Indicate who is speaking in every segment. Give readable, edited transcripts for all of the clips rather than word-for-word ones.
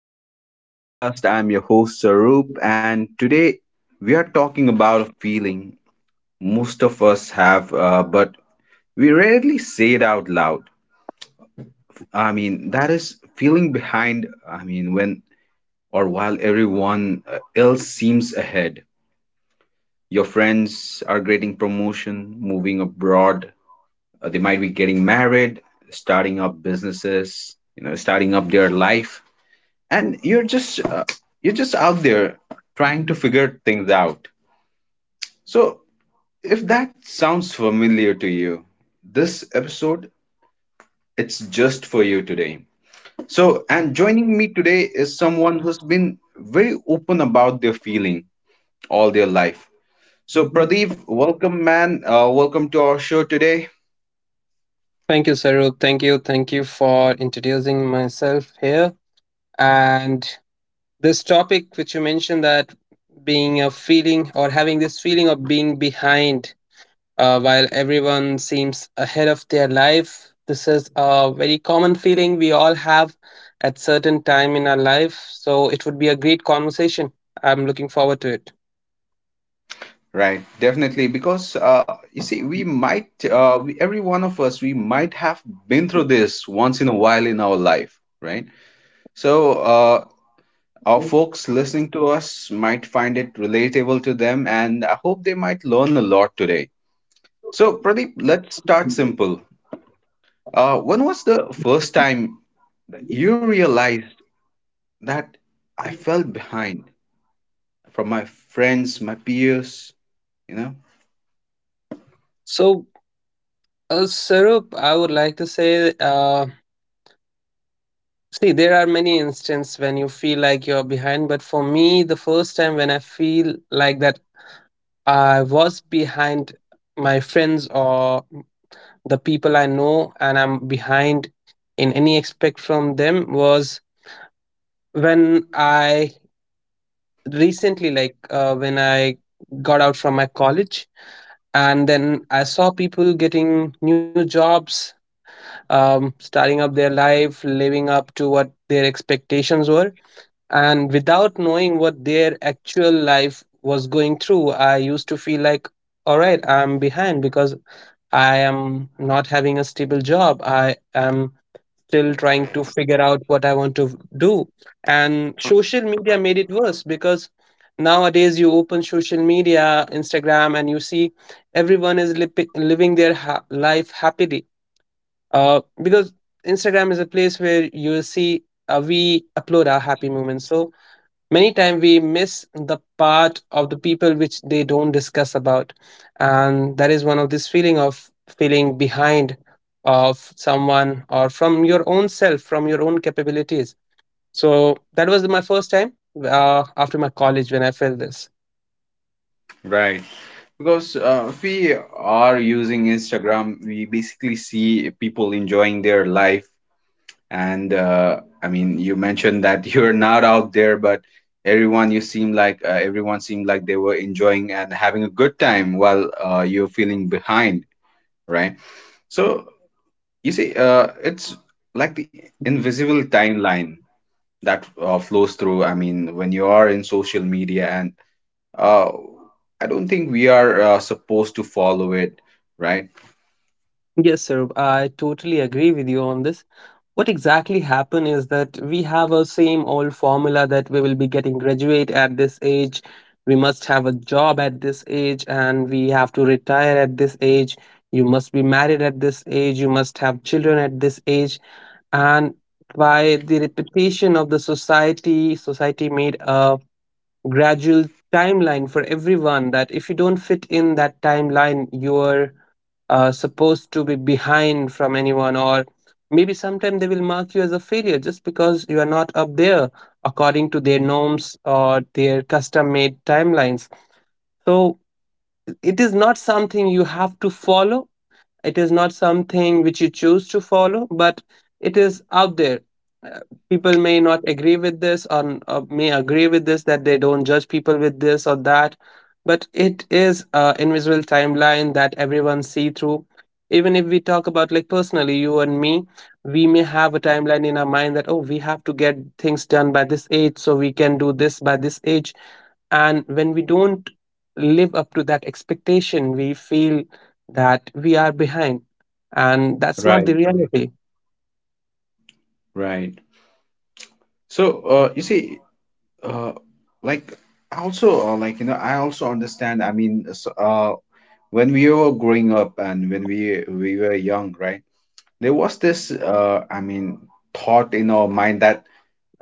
Speaker 1: To today's podcast. I'm your host Sarup, and today we are talking about a feeling most of us have, but we rarely say it out loud. I mean, that is feeling behind, I mean, when or while everyone else seems ahead. Your friends are getting promotion, moving abroad, they might be getting married, starting up businesses, starting up their life, and you're just out there trying to figure things out. So if that sounds familiar to you, this episode, it's just for you today. So, and joining me today is someone who's been very open about their feeling all their life. So Pradeep, welcome, man. Welcome to our show today.
Speaker 2: Thank you, Sarup. Thank you. Thank you for introducing myself here. And this topic, which you mentioned, that being a feeling or having this feeling of being behind, while everyone seems ahead of their life, this is a very common feeling we all have at certain time in our life. So it would be a great conversation. I'm looking forward to it.
Speaker 1: Right, definitely, because you see, we might every one of us, we might have been through this once in a while in our life, right? So, our folks listening to us might find it relatable to them, and I hope they might learn a lot today. So, Pradeep, let's start simple. When was the first time that you realized that I fell behind from my friends, my peers, you know?
Speaker 2: So, Sarup, I would like to say, see, there are many instances when you feel like you're behind, but for me, the first time when I feel like that I was behind my friends or the people I know, and I'm behind in any aspect from them was when I recently, like, when I got out from my college, and then I saw people getting new jobs, starting up their life, living up to what their expectations were, and without knowing what their actual life was going through, I used to feel like, all right, I'm behind because I am not having a stable job. I am still trying to figure out what I want to do. And social media made it worse because nowadays you open social media, Instagram, and you see everyone is living their life happily, because Instagram is a place where you see, we upload our happy moments. So many times we miss the part of the people which they don't discuss about, and that is one of this feeling of feeling behind of someone or from your own self, from your own capabilities. So that was my first time, after my college, when I felt this.
Speaker 1: Right. Because if we are using Instagram, we basically see people enjoying their life. And I mean, you mentioned that you're not out there, but everyone seemed like they were enjoying and having a good time while you're feeling behind, right? So you see, it's like the invisible timeline that flows through. I mean, when you are in social media, and uh, I don't think we are supposed to follow it, right?
Speaker 2: Yes, sir. I totally agree with you on this. What exactly happened is that we have a same old formula that we will be getting graduate at this age, we must have a job at this age, and we have to retire at this age. You must be married at this age, you must have children at this age. And by the repetition of the society, society made a gradual timeline for everyone that if you don't fit in that timeline, you're supposed to be behind from anyone, or maybe sometime they will mark you as a failure just because you are not up there according to their norms or their custom made timelines. So it is not something you have to follow, it is not something which you choose to follow, but it is out there. Uh, People may not agree with this, or may agree with this, that they don't judge people with this or that, but it is an invisible timeline that everyone see through. Even if we talk about like personally, you and me, we may have a timeline in our mind that, oh, we have to get things done by this age, so we can do this by this age, and when we don't live up to that expectation, we feel that we are behind, and that's not the
Speaker 1: Right. Right.
Speaker 2: reality.
Speaker 1: Right. So, you see, uh like I also like you know I also understand. I mean, when we were growing up and when we were young, right, there was this I mean thought in our mind that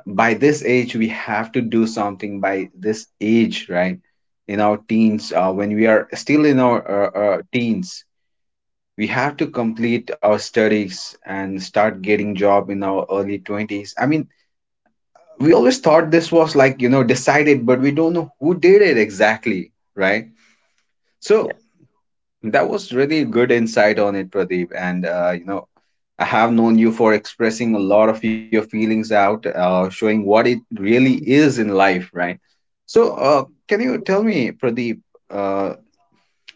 Speaker 1: by this age we have to do something by this age, right? In our teens, when we are still in our teens, we have to complete our studies and start getting job in our early 20s. I mean, we always thought this was like decided, but we don't know who did it exactly, right?
Speaker 2: Yeah.
Speaker 1: So that was really good insight on it, Pradeep. And I have known you for expressing a lot of your feelings out, showing what it really is in life, right? So, can you tell me, Pradeep, uh,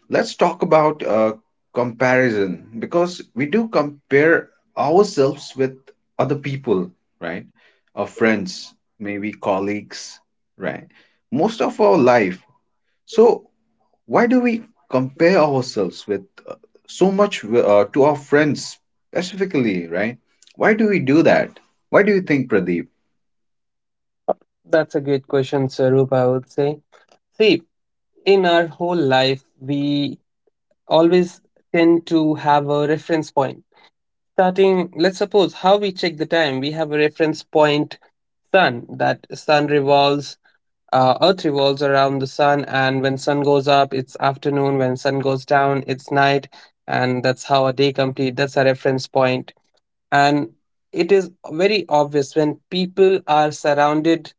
Speaker 1: let's talk about comparison, because we do compare ourselves with other people, right? Our friends, maybe colleagues, right? Most of our life. So, why do we compare ourselves with so much wi- to our friends specifically, right? Why do we do that? Why do you think, Pradeep?
Speaker 2: That's a great question, Sarup, I would say. See, in our whole life, we always tend to have a reference point. Starting, let's suppose, how we check the time, we have a reference point. Sun, that sun revolves, earth revolves around the sun, and when sun goes up it's afternoon, when sun goes down it's night, and that's how a day complete. That's a reference point. And it is very obvious when people are surrounded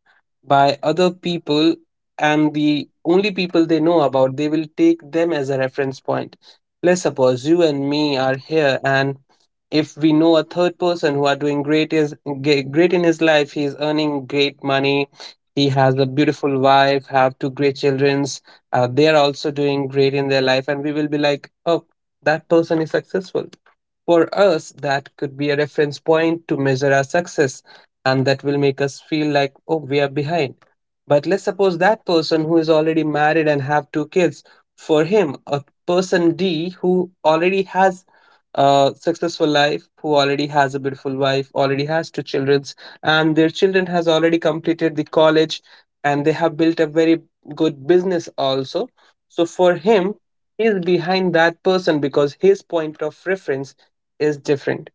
Speaker 2: by other people, and the only people they know about, they will take them as a reference point. Let's suppose you and me are here, and if we know a third person who are doing great, is great in his life, he is earning great money, he has a beautiful wife, have two great childrens, they are also doing great in their life, and we will be like, oh, that person is successful. For us, that could be a reference point to measure our success, and that will make us feel like, oh, we are behind. But let's suppose that person who is already married and have two kids, for him, a person D who already has a successful life, who already has a beautiful wife, already has two childrens, and their children has already completed the college, and they have built a very good business also. So for him, he is behind that person because his point of reference is different.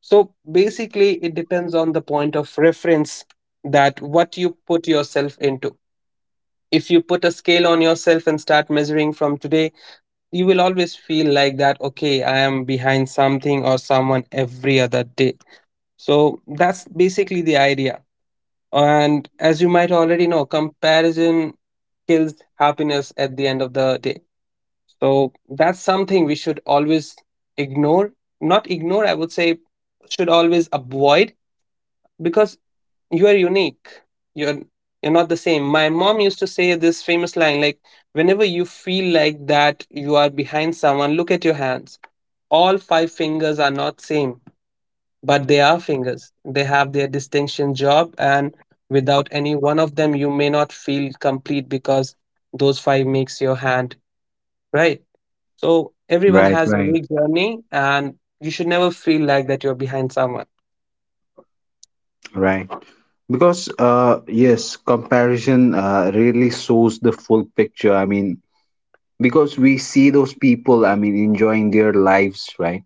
Speaker 2: So basically, it depends on the point of reference, that what you put yourself into. If you put a scale on yourself and start measuring from today, you will always feel like that, okay, I am behind something or someone every other day. So that's basically the idea. And as you might already know, comparison kills happiness at the end of the day. So that's something we should always ignore. Not ignore, I would say, should always avoid because you are unique. You're you're not the same. My mom used to say this famous line like, whenever you feel like that you are behind someone, look at your hands. All five fingers are not same, but they are fingers. They have their distinction job, and without any one of them, you may not feel complete because those five makes your hand, right? So everyone
Speaker 1: Right,
Speaker 2: has a
Speaker 1: right,
Speaker 2: unique journey, and you should never feel like that you're behind someone.
Speaker 1: right. Because yes, comparison really shows the full picture. I mean, because we see those people, I mean, enjoying their lives, right,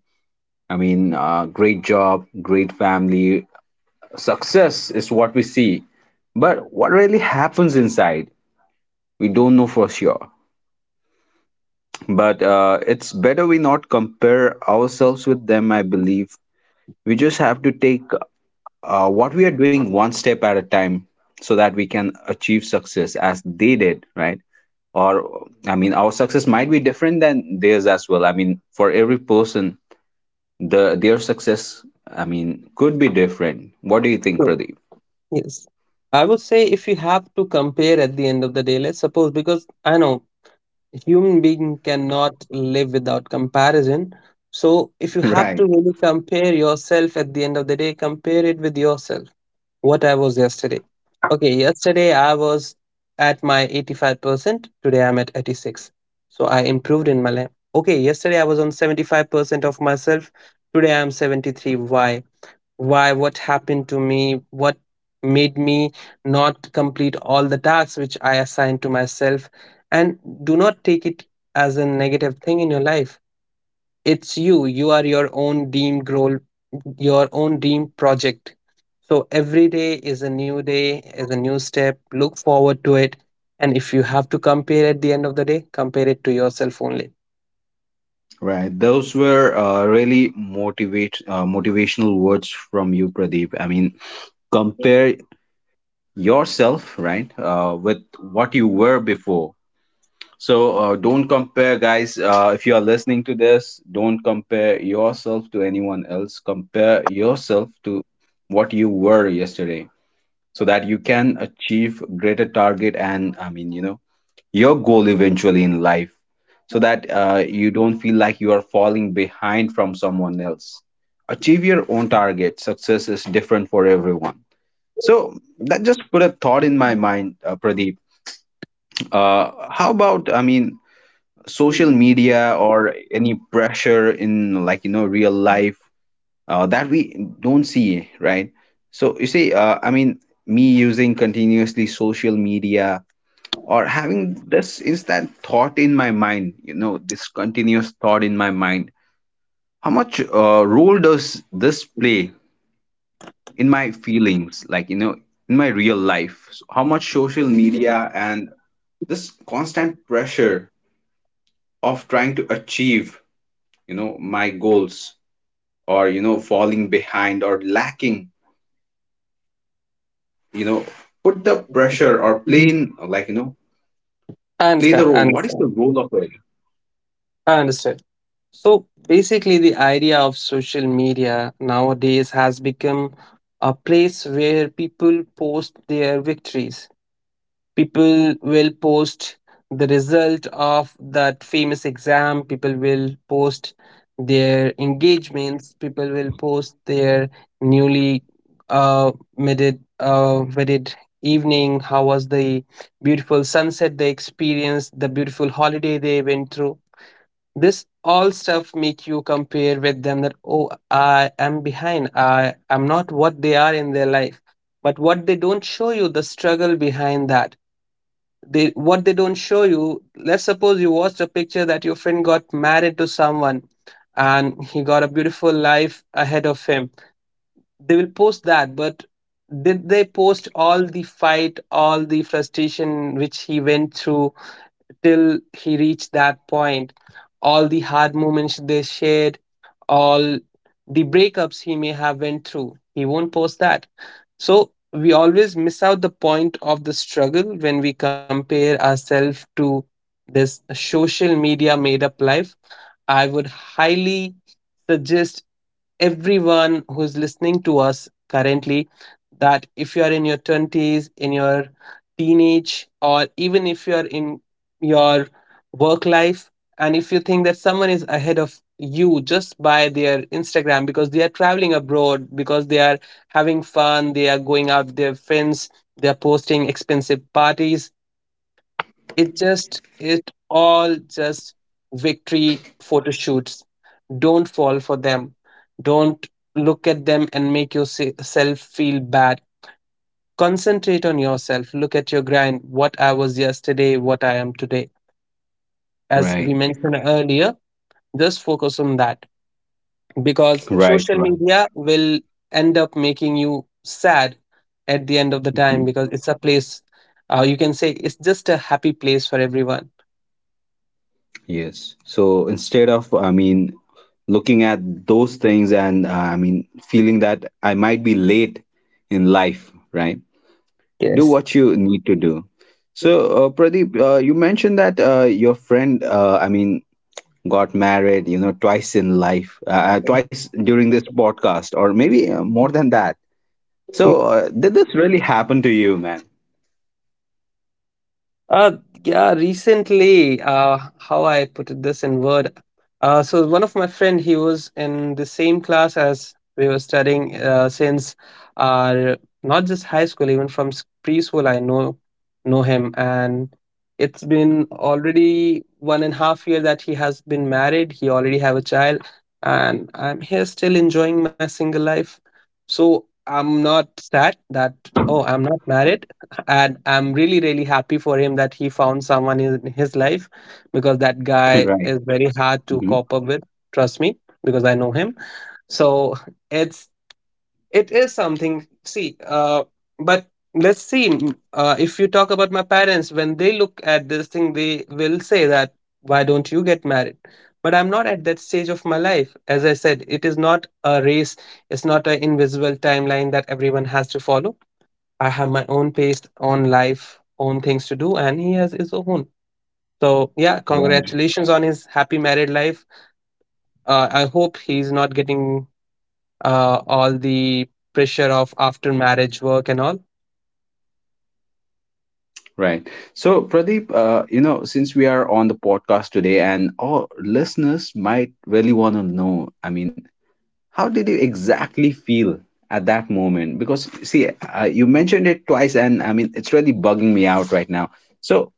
Speaker 1: I mean, great job, great family, success is what we see, but what really happens inside we don't know for sure. But it's better we not compare ourselves with them, I believe. We just have to take what we are doing one step at a time so that we can achieve success as they did, right, or, I mean, our success might be different than theirs as well. I mean, for every person, their success, I mean, could be different. What do you think,
Speaker 2: Sure.
Speaker 1: Pradeep?
Speaker 2: Yes. I would say if you have to compare at the end of the day, let's suppose, because I know human being cannot live without comparison. So if you have
Speaker 1: Right,
Speaker 2: to really compare yourself at the end of the day, compare it with yourself, what I was yesterday. Okay, yesterday I was at my 85%, today I'm at 86. So I improved in my life. Okay, yesterday I was on 75% of myself, today I'm 73. Why? Why, what happened to me? What made me not complete all the tasks which I assigned to myself? And do not take it as a negative thing in your life. It's you, you are your own dream role, your own dream project. So every day is a new day, is a new step. Look forward to it. And if you have to compare at the end of the day, compare it to yourself only.
Speaker 1: right. Those were really motivate motivational words from you, Pradeep. I mean, compare yourself, right, with what you were before. So don't compare, guys. If you are listening to this, don't compare yourself to anyone else. Compare yourself to what you were yesterday, so that you can achieve greater target and, I mean, your goal eventually in life, so that you don't feel like you are falling behind from someone else. Achieve your own target. Success is different for everyone. So that just put a thought in my mind, Pradeep. How about, I mean, social media or any pressure in, like, real life that we don't see, right? So you see, I mean, me using continuously social media, or having this is that thought in my mind, this continuous thought in my mind, how much role does this play in my feelings, like, in my real life. So how much social media and this constant pressure of trying to achieve, my goals, or, falling behind or lacking, you know put the pressure, or play in, like,
Speaker 2: I
Speaker 1: play the
Speaker 2: understand. I
Speaker 1: role. What is the
Speaker 2: understand.
Speaker 1: role of it?
Speaker 2: I understand. So basically, the idea of social media nowadays has become a place where people post their victories, people will post the result of that famous exam, people will post their engagements, people will post their newly uh wedded, wedded evening, how was the beautiful sunset they experienced, the beautiful holiday they went through. This all stuff make you compare with them, that oh, I am behind, I am not what they are in their life. But what they don't show you, the struggle behind that, they, what they don't show you, let's suppose you watched a picture that your friend got married to someone and he got a beautiful life ahead of him, they will post that, but did they post all the fight, all the frustration which he went through till he reached that point, all the hard moments they shared, all the breakups he may have went through, he won't post that. So we always miss out the point of the struggle when we compare ourselves to this social media made up life. I would highly suggest everyone who is listening to us currently, that if you are in your 20s, in your teenage, or even if you are in your work life, and if you think that someone is ahead of you just by their Instagram, because they are traveling abroad, because they are having fun, they are going out with their friends, they are posting expensive parties, it just, it all just victory photo shoots, don't fall for them. Don't look at them and make yourself feel bad. Concentrate on yourself. Look at your grind. What I was yesterday, what I am today. As
Speaker 1: Right.
Speaker 2: we mentioned earlier, just focus on that, because
Speaker 1: Right.
Speaker 2: social
Speaker 1: Right.
Speaker 2: media will end up making you sad at the end of the time,
Speaker 1: Mhm.
Speaker 2: because it's a place, you can say it's just a happy place for everyone.
Speaker 1: Yes. So instead of, I mean, looking at those things and, I mean, feeling that I might be late in life, right? Do
Speaker 2: Yes.
Speaker 1: what you need to do. So, Pradeep, you mentioned that your friend, I mean, got married, twice in life, twice during this podcast, or maybe more than that. So, did this really happen to you, man?
Speaker 2: Uh, yeah, recently, how I put it this in word. So one of my friend, he was in the same class as we were studying since, uh, not just high school, even from preschool, I know him, and it's been already 1.5 year that he has been married. He already have a child, and I'm here still enjoying my single life. So I'm not sad that, oh, I'm not married, and I'm really really happy for him that he found someone in his life because that guy is
Speaker 1: Right.
Speaker 2: very hard to
Speaker 1: Hmm.
Speaker 2: cope up with. Trust me, because I know him. So it's it is something, see, but let's see if you talk about my parents, when they look at this thing, they will say that why don't you get married, but I'm not at that stage of my life. As I said, it is not a race. It's not an invisible timeline that everyone has to follow. I have my own pace, own life, own things to do, and he has his own. So, yeah,
Speaker 1: Right.
Speaker 2: congratulations on his happy married life. I hope he's not getting all the pressure of after marriage work and all.
Speaker 1: Right. So, Pradeep, since we are on the podcast today and our listeners might really want to know, I mean, how did you exactly feel at that moment? Because, see, you mentioned it twice, and I mean, it's really bugging me out right now. So,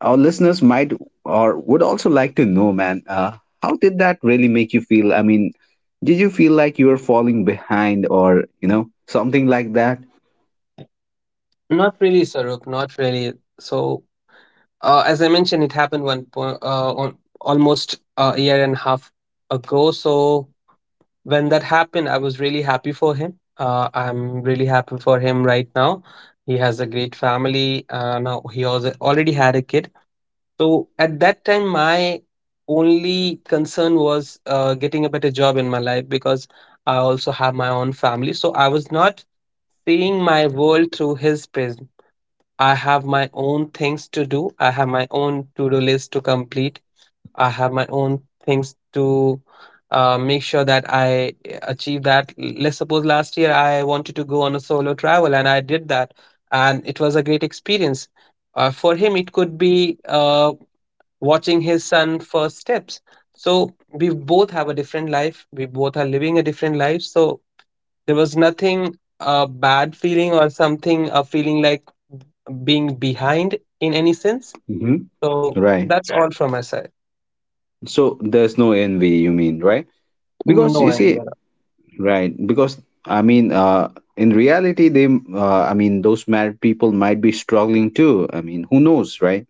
Speaker 1: our listeners might or would also like to know, man, how did that really make you feel? I mean, did you feel like you were falling behind or, something like that?
Speaker 2: Not really, Saruk. Not really. So, as I mentioned, it happened on almost a year and a half ago. So, when that happened, I was really happy for him. I'm really happy for him right now. He has a great family. Now he also already had a kid. So, at that time, my only concern was getting a better job in my life because I also have my own family. So, I was not seeing my world through his prism. I have my own things to do. I have my own to do list to complete. I have my own things to make sure that I achieve that. Let's suppose last year I wanted to go on a solo travel and I did that, and it was a great experience. For him, it could be watching his son first steps. So we both have a different life. We both are living a different life. So there was nothing a bad feeling or something a feeling like being behind in any sense.
Speaker 1: Hmm.
Speaker 2: So
Speaker 1: Right.
Speaker 2: that's all from my side.
Speaker 1: So, there's no envy, you mean, right? Because
Speaker 2: No
Speaker 1: you see,
Speaker 2: idea.
Speaker 1: right? Because I mean, in reality, they, I mean, those married people might be struggling too. I mean, who knows, right?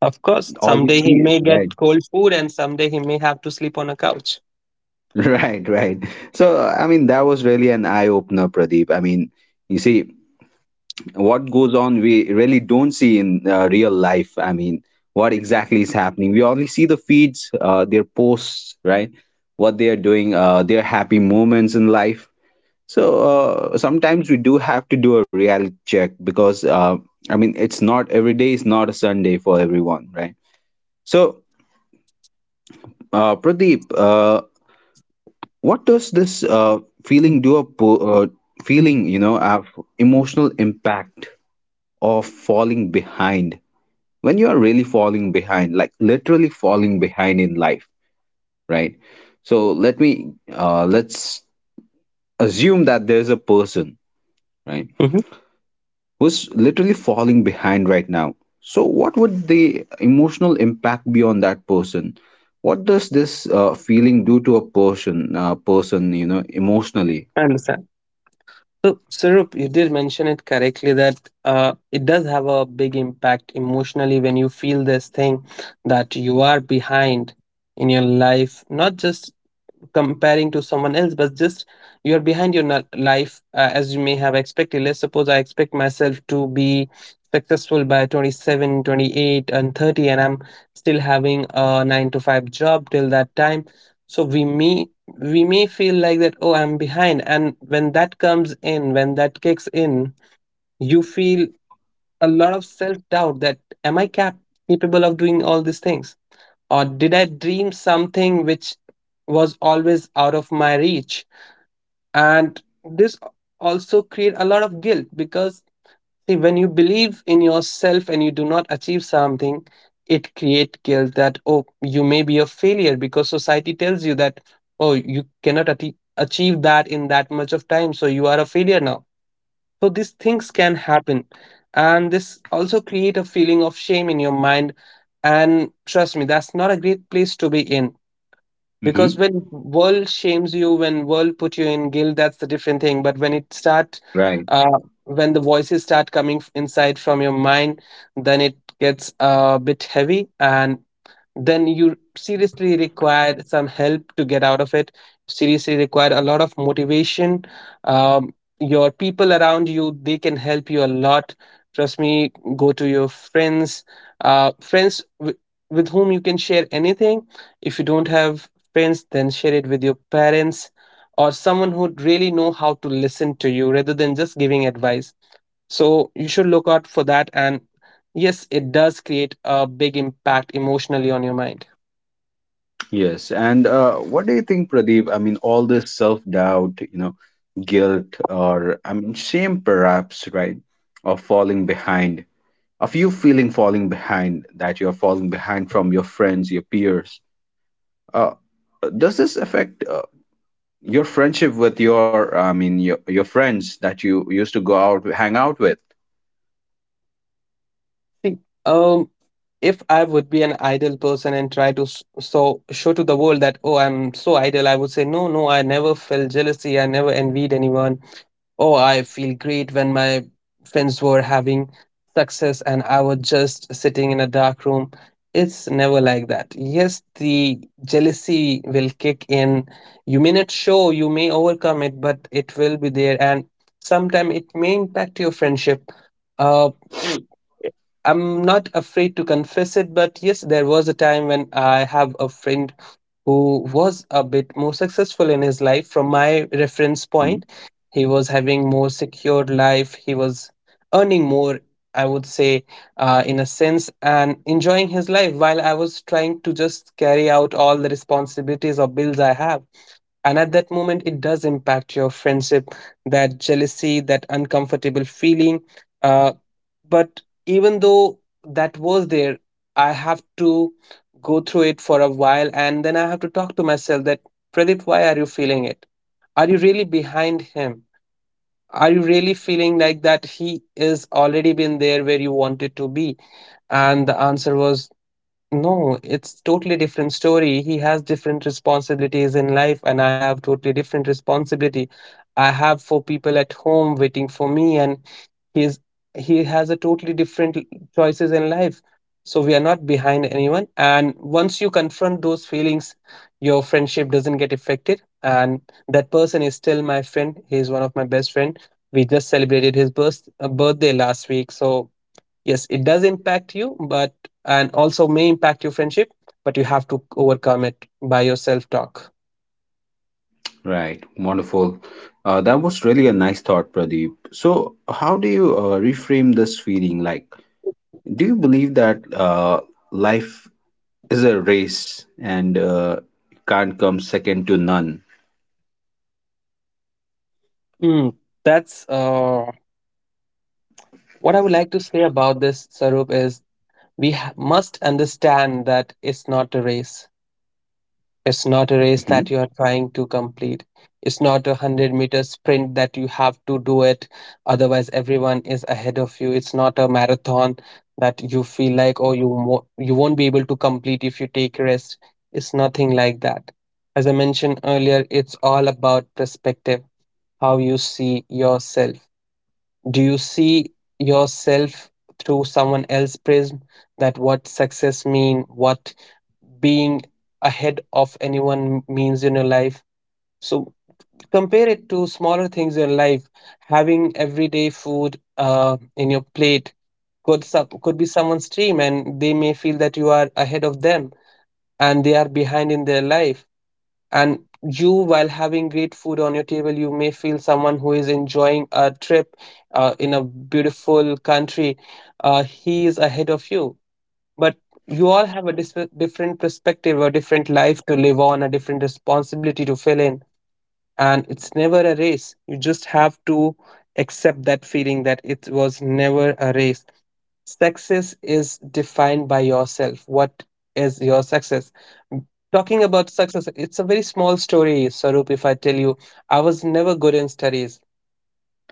Speaker 2: Of course,
Speaker 1: All we
Speaker 2: someday
Speaker 1: see
Speaker 2: he
Speaker 1: is
Speaker 2: may get
Speaker 1: right,
Speaker 2: cold food and someday he may have to sleep on a couch.
Speaker 1: right, right. So, I mean, that was really an eye opener, Pradeep. I mean, you see, what goes on, we really don't see in real life. I mean, what exactly is happening? We only see the feeds, their posts, right? What they are doing, their happy moments in life. So sometimes we do have to do a reality check, because I mean, it's not every day is not a Sunday for everyone, right? So Pradeep, what does this feeling do, feeling, of emotional impact of falling behind when you are really falling behind, like literally falling behind in life, right? So let's assume that there's a person, right,
Speaker 2: Hmm.
Speaker 1: who's literally falling behind right now. So, what would the emotional impact be on that person? What does this feeling do to a person, emotionally?
Speaker 2: I understand. So, Sarup, you did mention it correctly that it does have a big impact emotionally when you feel this thing that you are behind in your life, not just comparing to someone else, but just you are behind your life as you may have expected. Let's suppose I expect myself to be successful by 27, 28, and 30, and I'm still having a 9 to 5 job till that time. So we may feel like that, oh, I'm behind. And when that comes in, when that kicks in, you feel a lot of self doubt that capable of doing all these things? Or did I dream something which was always out of my reach? And this also create a lot of guilt because, see, when you believe in yourself and you do not achieve something, it create guilt that, oh, you may be a failure because society tells you that, oh, you cannot achieve that in that much of time, so you are a failure now. So these things can happen. And this also create a feeling of shame in your mind. And trust me, that's not a great place to be in. Because
Speaker 1: Hmm.
Speaker 2: when world shames you, when world put you in guilt, that's the different thing. But when it start
Speaker 1: Right.
Speaker 2: uh, when the voices start coming inside from your mind, then it gets a bit heavy. And then you seriously require some help to get out of it, seriously require a lot of motivation. um, your people around you, they can help you a lot. Trust me, go to your friends, friends with whom you can share anything. If you don't have friends, then share it with your parents or someone who really know how to listen to you rather than just giving advice. So you should look out for that. And yes, it does create a big impact emotionally on your mind.
Speaker 1: Yes. And what do you think, Pradeep? I mean, all this self-doubt, guilt, or I mean, shame, perhaps, right, of falling behind, of you feeling falling behind, that you're falling behind from your friends, your peers. Uh, does this affect your friendship with your, I mean your, friends that you used to go out hang out with?
Speaker 2: See, um, if I would be an idle person and try to so show to the world that, oh, I'm so idle, I would say no, no, I never felt jealousy, I never envied anyone. Oh, I feel great when my friends were having success and I was just sitting in a dark room. It's never like that. Yes, the jealousy will kick in. You may not show, you may overcome it, but it will be there, and sometimes it may impact your friendship. Uh,
Speaker 1: Mm.
Speaker 2: I'm not afraid to confess it, but yes, there was a time when I have a friend who was a bit more successful in his life from my reference
Speaker 1: Mhm.
Speaker 2: point. He was having more secure life. He was earning more, I would say, in a sense, and enjoying his life while I was trying to just carry out all the responsibilities or bills I have. And at that moment, it does impact your friendship, that jealousy, that uncomfortable feeling. Uh, but even though that was there, I have to go through it for a while and then I have to talk to myself that, Pradeep, why are you feeling it? Are you really behind him? Are you really feeling like that he is already been there where you wanted to be? And the answer was no, it's totally different story. He has different responsibilities in life and I have totally different responsibility. I have four people at home waiting for me and he's he has a totally different choices in life. So we are not behind anyone. And once you confront those feelings, your friendship doesn't get affected. And that person is still my friend, he is one of my best friend. We just celebrated his birthday last week. So yes, it does impact you, but and also may impact your friendship, but you have to overcome it by your self talk.
Speaker 1: Right. Wonderful. That was really a nice thought, Pradeep. So how do you reframe this feeling? Like, do you believe that life is a race and can't come second to none?
Speaker 2: Mm, that's what I would like to say about this, Sarup, is we must understand that it's not a race. It's not a race
Speaker 1: Hmm.
Speaker 2: that you are trying to complete. It's not a 100-meter sprint that you have to do it. Otherwise, everyone is ahead of you. It's not a marathon that you feel like, oh, you won't be able to complete if you take rest. It's nothing like that. As I mentioned earlier, it's all about perspective, how you see yourself. Do you see yourself through someone else's prism, that what success mean, what being ahead of anyone means in your life? So compare it to smaller things in life. Having everyday food in your plate could be someone's dream, and they may feel that you are ahead of them and they are behind in their life. And you, while having great food on your table, you may feel someone who is enjoying a trip in a beautiful country, he is ahead of you. But you all have a different perspective, a different life to live on, a different responsibility to fill in. And it's never a race. You just have to accept that feeling that it was never a race. Success is defined by yourself. What is your success? Talking about success, it's a very small story, Sarup. If I tell you, I was never good in studies.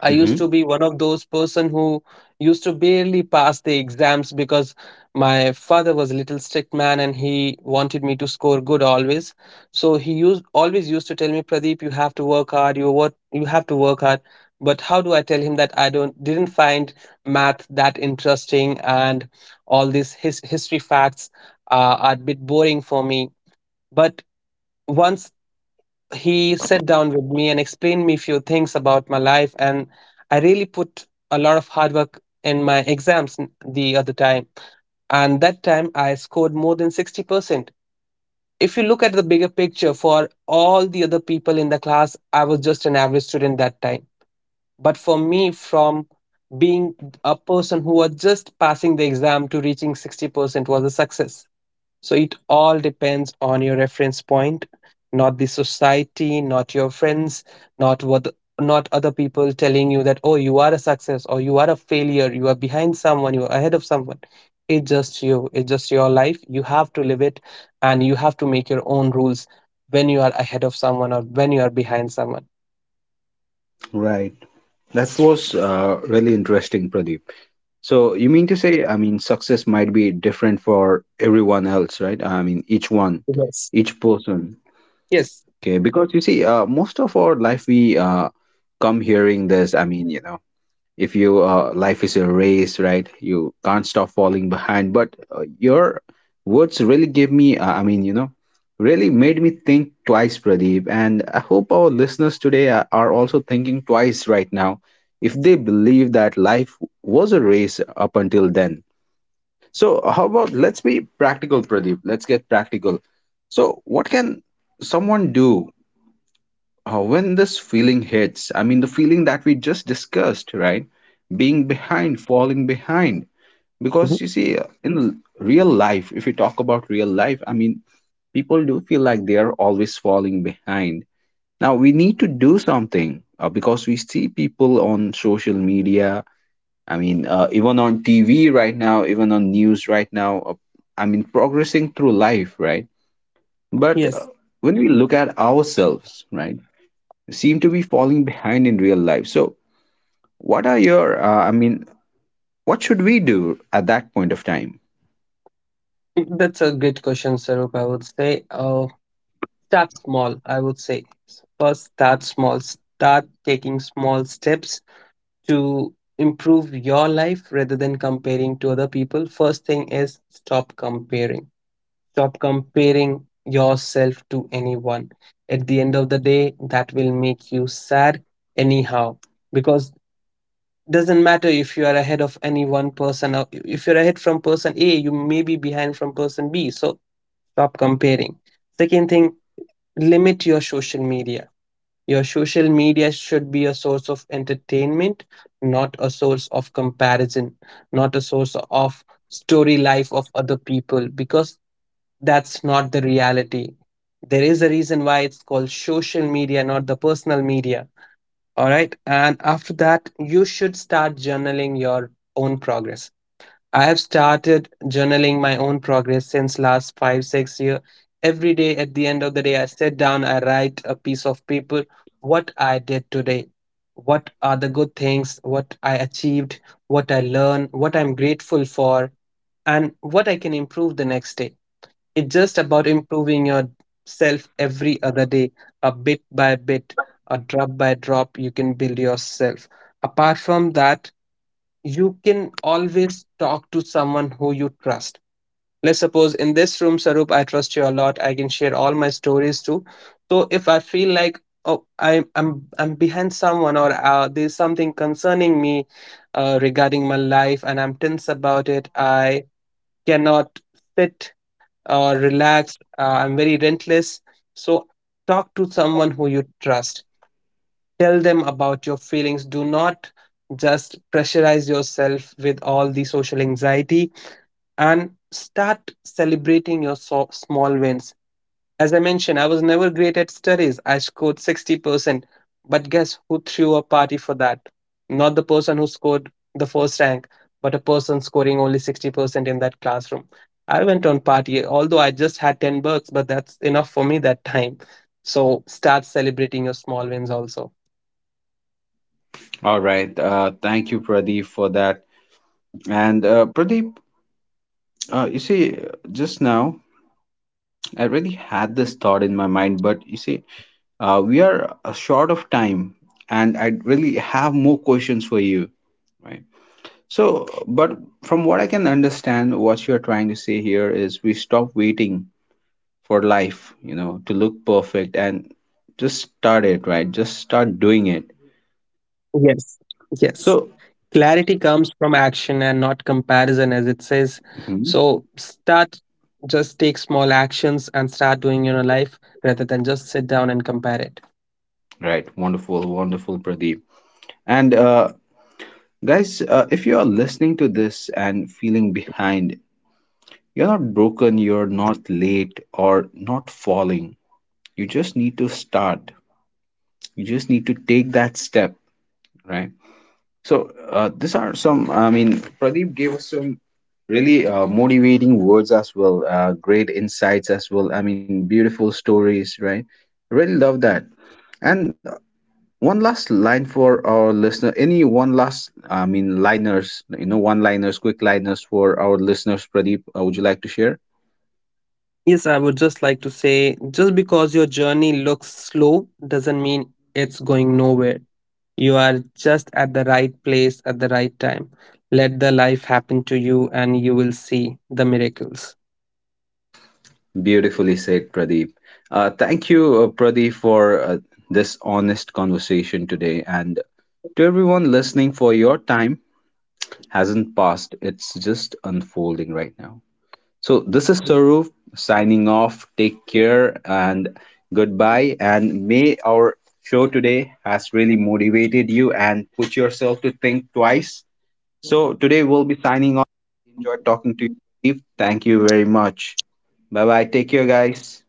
Speaker 2: I used to be
Speaker 1: Hmm.
Speaker 2: one of those person who used to barely pass the exams because my father was a little strict man and he wanted me to score good always. So he used always used to tell me, Pradeep, you have to work hard. You, what you have to work hard. But how do I tell him that I don't didn't find math that interesting, and all these history facts are a bit boring for me. But once he sat down with me and explained me a few things about my life, and I really put a lot of hard work in my exams the other time, and that time I scored more than 60%. If you look at the bigger picture, for all the other people in the class, I was just an average student that time. But for me, from being a person who was just passing the exam to reaching 60% was a success. So it all depends on your reference point, not the society, not your friends, not what, not other people telling you that, oh, you are a success or you are a failure, you are behind someone, you are ahead of someone. It's just you, it's just your life. You have to live it, and you have to make your own rules when you are ahead of someone or when you are behind someone.
Speaker 1: Right. That was really interesting, Pradeep. So you mean to say, I mean, success might be different for everyone else, right? I mean, each one,
Speaker 2: Yes.
Speaker 1: each person.
Speaker 2: Yes.
Speaker 1: Okay, because you see, most of our life we come hearing this. I mean, if you life is a race, right, you can't stop falling behind. But your words really give me I mean, really made me think twice, Pradeep. And I hope our listeners today are also thinking twice right now, if they believe that life was a race up until then. So how about, let's be practical, Pradeep, let's get practical. So what can someone do when this feeling hits, I mean, the feeling that we just discussed, right? Being behind, falling behind.
Speaker 2: Mhm.
Speaker 1: Because you see, in real life, if you talk about real life, I mean, people do feel like they are always falling behind. Now, we need to do something because we see people on social media. I mean, even on TV right now, even on news right now, I mean, progressing through life, right? But
Speaker 2: Yes,
Speaker 1: when we look at ourselves, right, seem to be falling behind in real life. So, I mean, what should we do at that point of time?
Speaker 2: that's a good question, Sarup. I would say, start small, I would say. First, start small. Start taking small steps to improve your life rather than comparing to other people. First thing is stop comparing. Stop comparing yourself to anyone. At the end of the day, that will make you sad anyhow, because doesn't matter if you are ahead of any one person, or if you're ahead from person A, you may be behind from person B. So stop comparing. Second thing, limit your social media. Your social media should be a source of entertainment, not a source of comparison, not a source of story life of other people, because that's not the reality. There is a reason why it's called social media, not the personal media. All right. And after that, you should start journaling your own progress. I have started journaling my own progress since last five, 6 year. Every day at the end of the day, I sit down, I write a piece of paper, what I did today, what are the good things, what I achieved, what I learned, what I'm grateful for, and what I can improve the next day. It's just about improving yourself every other day, a bit by bit, a drop by drop, you can build yourself. Apart from that, you can always talk to someone who you trust. Let's suppose in this room, Sarup, I trust you a lot. I can share all my stories too. So if I feel like, oh, I'm behind someone, or there's something concerning me regarding my life and I'm tense about it, I cannot sit or relax. I'm very rentless. So talk to someone who you trust. Tell them about your feelings. Do not just pressurize yourself with all the social anxiety, and start celebrating your small wins. As I mentioned, I was never great at studies. I scored 60%. But guess who threw a party for that? Not the person who scored the first rank, but a person scoring only 60% in that classroom. I went on party, although I just had 10 bucks, but that's enough for me that time. So start celebrating your small wins also.
Speaker 1: All right. Thank you, Pradeep, for that. And Pradeep, you see, just now I really had this thought in my mind, but you see, we are short of time, and I really have more questions for you, right? So, but from what I can understand, what you're trying to say here is we stop waiting for life, to look perfect, and just start it, right? Just start doing it.
Speaker 2: Yes, yes.
Speaker 1: So,
Speaker 2: Clarity comes from action and not comparison, as it says.
Speaker 1: mhm.
Speaker 2: So start, just take small actions and start doing in your life rather than just sit down and compare it.
Speaker 1: Right, wonderful, wonderful, Pradeep. And guys, if you are listening to this and feeling behind, you're not broken, you're not late, or not falling. You just need to start. You just need to take that step, right? So, these are some, I mean, Pradeep gave us some really motivating words as well, great insights as well. I mean, beautiful stories, right? Really love that. And one last line for our listener. Any one last, I mean, liners, one liners, quick liners for our listeners, Pradeep, would you like to share?
Speaker 2: Yes, I would just like to say just because your journey looks slow doesn't mean it's going nowhere. You are just at the right place at the right time. Let the life happen to you and you will see the miracles.
Speaker 1: Beautifully said, Pradeep. Thank you, Pradeep, for this honest conversation today. And to everyone listening, for your time hasn't passed, it's just unfolding right now. So this is Saru signing off. Take care and goodbye. And may our show today has really motivated you and put yourself to think twice. So today we'll be signing off. Enjoy talking to you. Steve. Thank you very much. Bye bye. Take care, guys.